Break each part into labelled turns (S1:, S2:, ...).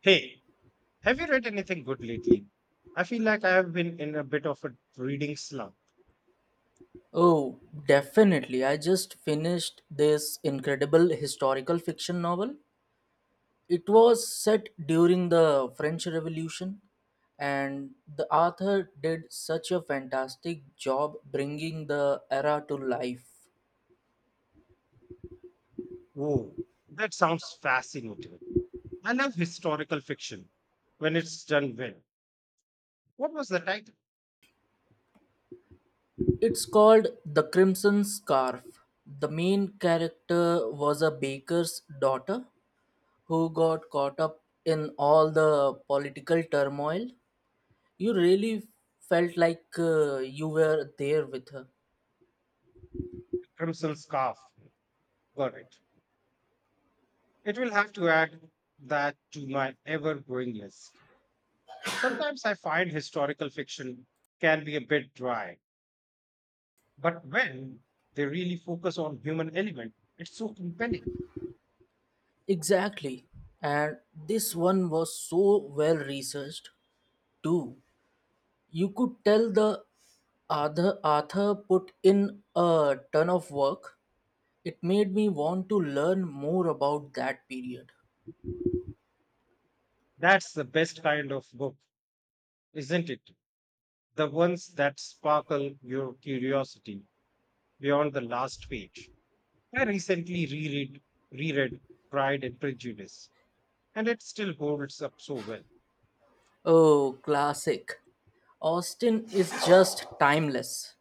S1: Hey, have you read anything good lately? I feel like I have been in a bit of a reading slump.
S2: Oh, definitely. I just finished this incredible historical fiction novel. It was set during the French Revolution, and the author did such a fantastic job bringing the era to life.
S1: Oh, that sounds fascinating. I love historical fiction when it's done well. What was the title?
S2: It's called The Crimson Scarf. The main character was a baker's daughter who got caught up in all the political turmoil. You really felt you were there with her.
S1: Crimson Scarf. Got it. It will have to add that to my ever growing list. Sometimes I find historical fiction can be a bit dry, but when they really focus on human element, it's so compelling.
S2: Exactly. And this one was so well researched too. You could tell the author put in a ton of work. It made me want to learn more about that period.
S1: That's the best kind of book, isn't it? The ones that sparkle your curiosity beyond the last page. I recently reread Pride and Prejudice, and it still holds up so well.
S2: Oh, classic. Austin is just timeless.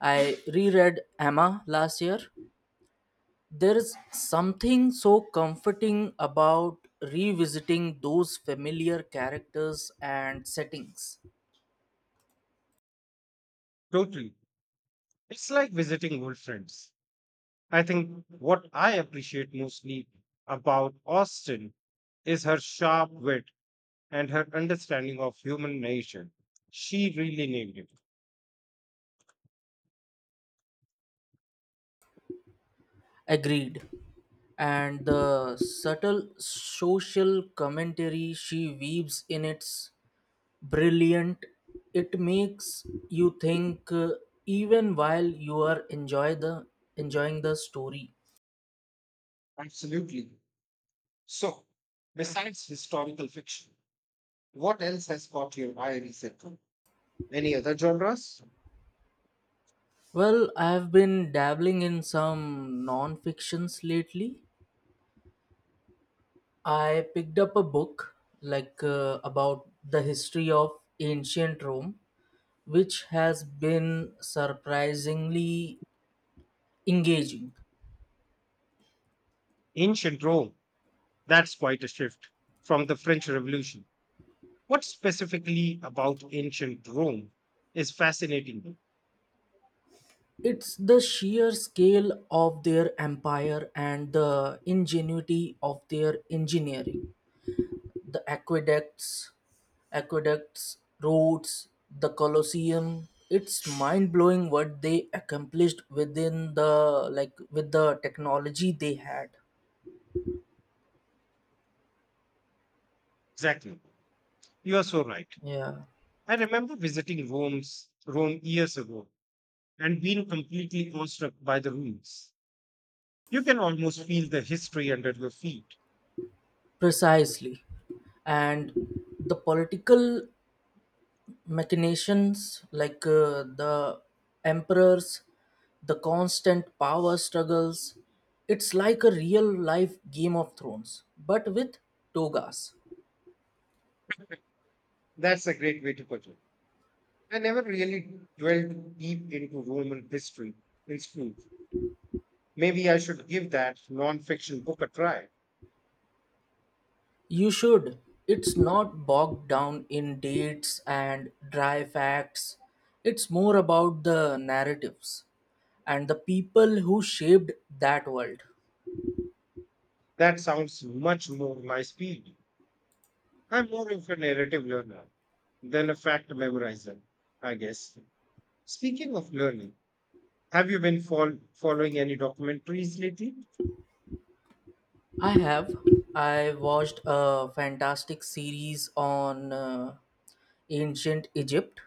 S2: I reread Emma last year. There's something so comforting about revisiting those familiar characters and settings.
S1: Totally. It's like visiting old friends. I think what I appreciate mostly about Austen is her sharp wit and her understanding of human nature. She really nailed it.
S2: Agreed. And the subtle social commentary she weaves in, it's brilliant. It makes you think, even while you are enjoying the story.
S1: Absolutely. So, besides historical fiction, what else has caught your eye recently? Any other genres?
S2: Well, I've been dabbling in some non-fictions lately. I picked up a book about the history of ancient Rome, which has been surprisingly engaging.
S1: Ancient Rome. That's quite a shift from the French Revolution. What specifically about ancient Rome is fascinating?
S2: It's the sheer scale of their empire and the ingenuity of their engineering. The aqueducts, roads, the Colosseum. It's mind blowing what they accomplished with the technology they had.
S1: Exactly. You are so right.
S2: Yeah.
S1: I remember visiting Rome years ago and being completely awestruck by the ruins. You can almost feel the history under your feet.
S2: Precisely. And the political machinations, the emperors, the constant power struggles, it's like a real life game of thrones, but with togas.
S1: That's a great way to put it. I never really dwelled deep into Roman history in school. Maybe I should give that non-fiction book a try.
S2: You should. It's not bogged down in dates and dry facts. It's more about the narratives and the people who shaped that world.
S1: That sounds much more my speed. I'm more of a narrative learner than a fact memorizer, I guess. Speaking of learning, have you been following any documentaries lately?
S2: I have. I watched a fantastic series on ancient Egypt.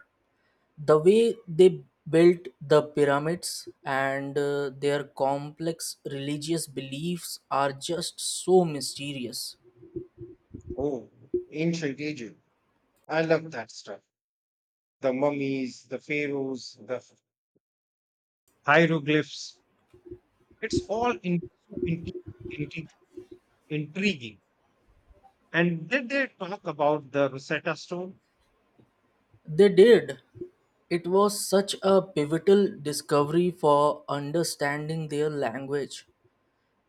S2: The way they built the pyramids, and their complex religious beliefs are just so mysterious.
S1: Oh, ancient Egypt. I love that stuff. The mummies, the pharaohs, the hieroglyphs. It's all in- intriguing. And did they talk about the Rosetta Stone?
S2: They did. It was such a pivotal discovery for understanding their language.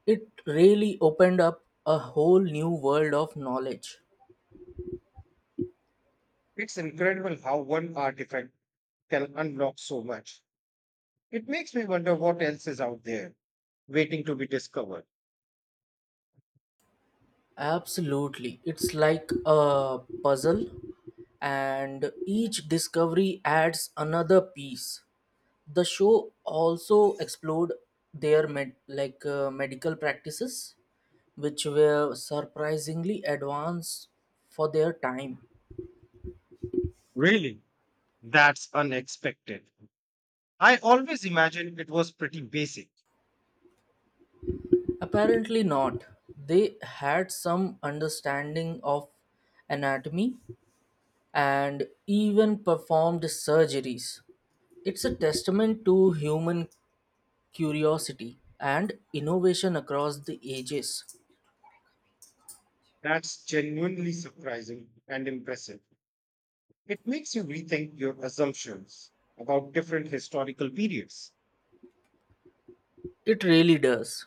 S2: It really opened up a whole new world of knowledge.
S1: It's incredible how one artifact can unlock so much. It makes me wonder what else is out there waiting to be discovered.
S2: Absolutely. It's like a puzzle, and each discovery adds another piece. The show also explored their medical practices, which were surprisingly advanced for their time.
S1: Really? That's unexpected. I always imagined it was pretty basic.
S2: Apparently not. They had some understanding of anatomy and even performed surgeries. It's a testament to human curiosity and innovation across the ages.
S1: That's genuinely surprising and impressive. It makes you rethink your assumptions about different historical periods.
S2: It really does.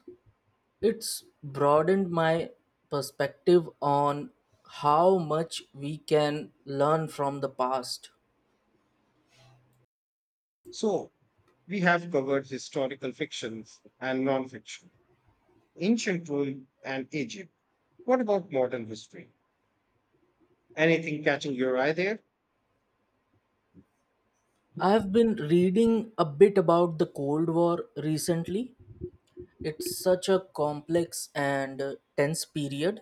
S2: It's broadened my perspective on how much we can learn from the past.
S1: So, we have covered historical fictions and non-fiction, ancient Rome and Egypt. What about modern history? Anything catching your eye there?
S2: I've been reading a bit about the Cold War recently. It's such a complex and tense period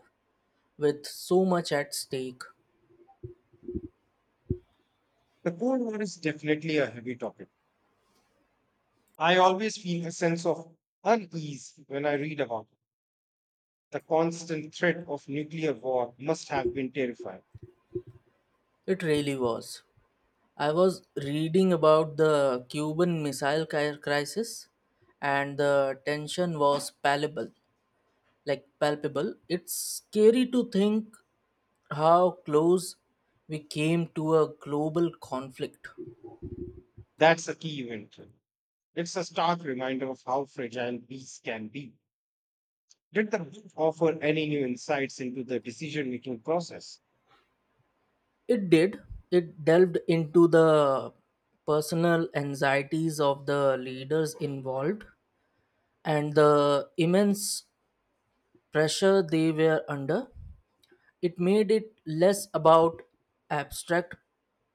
S2: with so much at stake.
S1: The Cold War is definitely a heavy topic. I always feel a sense of unease when I read about the constant threat of nuclear war must have been terrifying.
S2: It really was. I was reading about the Crisis, and the tension was palpable. Like palpable, it's scary to think how close we came to a global conflict.
S1: That's a key event. It's a stark reminder of how fragile peace can be. Did the book offer any new insights into the decision making process?
S2: It did. It delved into the personal anxieties of the leaders involved and the immense pressure they were under. It made it less about abstract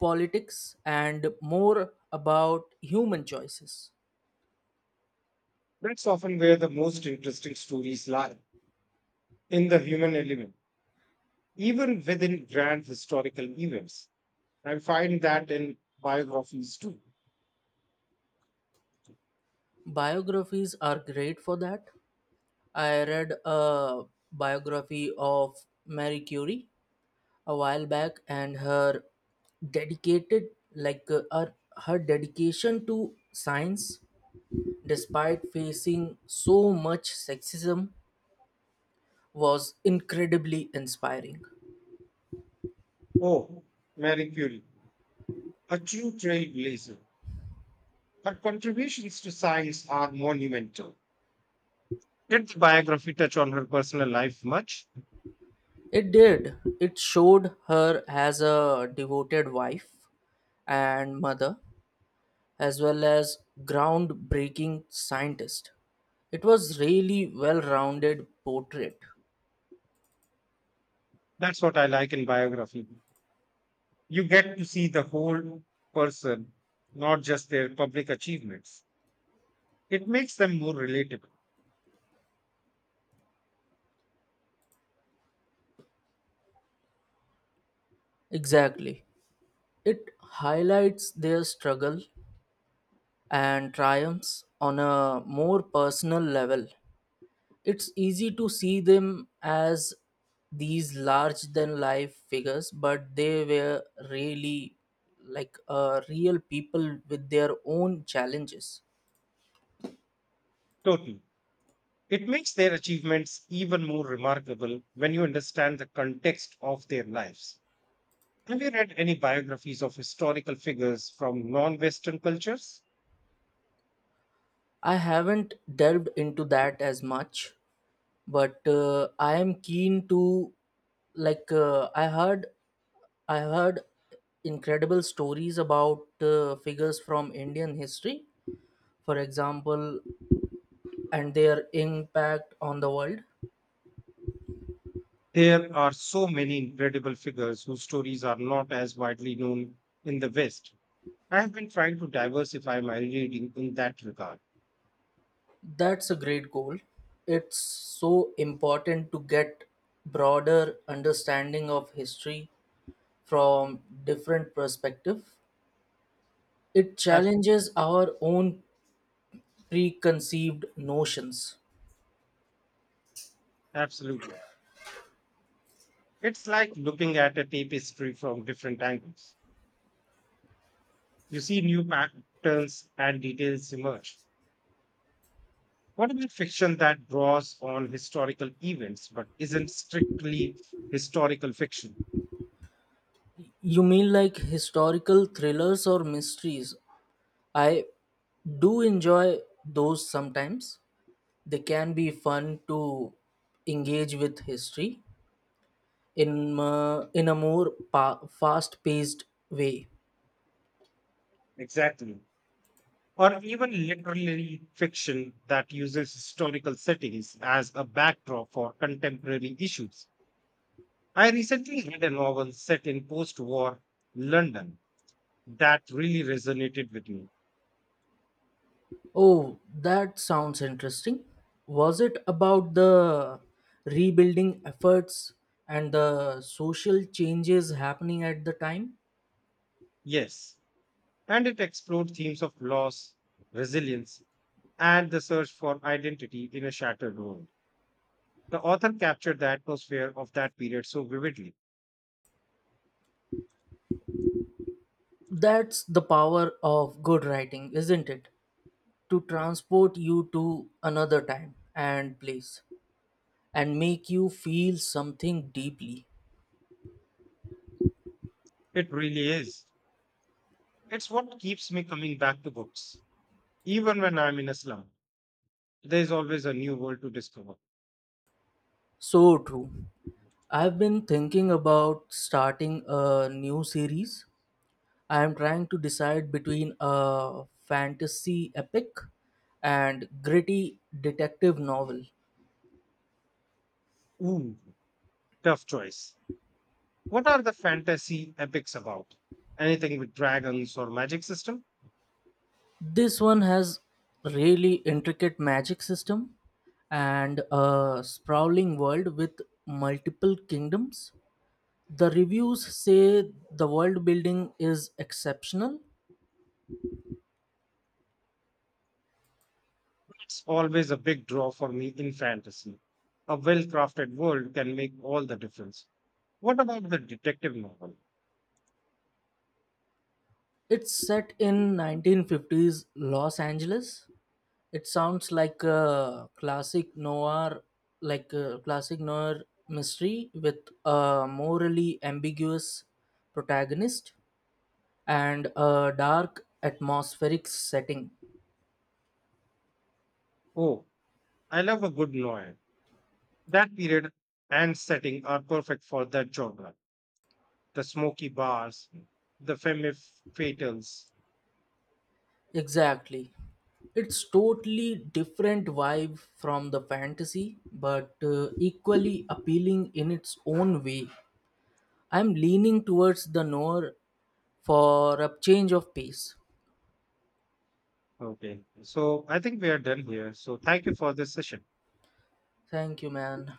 S2: politics and more about human choices.
S1: That's often where the most interesting stories lie in the human element, even within grand historical events. I find that in biographies too.
S2: Biographies are great for that. I read a biography of Marie Curie a while back, and her dedicated like uh, her, her dedication to science despite facing so much sexism was incredibly inspiring.
S1: Oh, Mary Curie, a true trailblazer. Her contributions to science are monumental. Did the biography touch on her personal life much?
S2: It did. It showed her as a devoted wife and mother, as well as groundbreaking scientist. It was really well-rounded portrait.
S1: That's what I like in biography. You get to see the whole person, not just their public achievements. It makes them more relatable.
S2: Exactly. It highlights their struggle and triumphs on a more personal level. It's easy to see them as these large than life figures, but they were really, real people with their own challenges.
S1: Totally. It makes their achievements even more remarkable when you understand the context of their lives. Have you read any biographies of historical figures from non Western cultures?
S2: I haven't delved into that as much, but I am keen to. like uh, I heard I heard incredible stories about figures from Indian history, for example, and their impact on the world.
S1: There are so many incredible figures whose stories are not as widely known in the West. I have been trying to diversify my reading in that regard.
S2: That's a great goal. It's so important to get broader understanding of history from different perspective. It
S1: Abs-
S2: challenges our own preconceived notions.
S1: Absolutely. It's like looking at a tapestry from different angles. You see new patterns and details emerge. What about fiction that draws on historical events but isn't strictly historical fiction?
S2: You mean like historical thrillers or mysteries? I do enjoy those sometimes. They can be fun to engage with history in a more fast-paced way.
S1: Exactly. Or even literary fiction that uses historical settings as a backdrop for contemporary issues. I recently read a novel set in post war London that really resonated with me.
S2: Oh, that sounds interesting. Was it about the rebuilding efforts and the social changes happening at the time?
S1: Yes, and it explored themes of loss, resilience, and the search for identity in a shattered world. The author captured the atmosphere of that period so vividly.
S2: That's the power of good writing, isn't it? To transport you to another time and place and make you feel something deeply.
S1: It really is. It's what keeps me coming back to books, even when I'm in a slump. There's always a new world to discover.
S2: So true. I've been thinking about starting a new series. I am trying to decide between a fantasy epic and gritty detective novel.
S1: Ooh, tough choice. What are the fantasy epics about? Anything with dragons or magic system?
S2: This one has really intricate magic system and a sprawling world with multiple kingdoms. The reviews say the world building is exceptional.
S1: It's always a big draw for me in fantasy. A well crafted world can make all the difference. What about the detective novel?
S2: It's set in 1950s Los Angeles. It sounds like a classic noir, like a classic noir mystery with a morally ambiguous protagonist and a dark atmospheric setting.
S1: Oh, I love a good noir. That period and setting are perfect for that genre. The smoky bars, the femme fatales.
S2: Exactly. It's totally different vibe from the fantasy, but equally appealing in its own way. I'm leaning towards the noir for a change of pace.
S1: Okay, so I think we are done here. So thank you for this session.
S2: Thank you, man.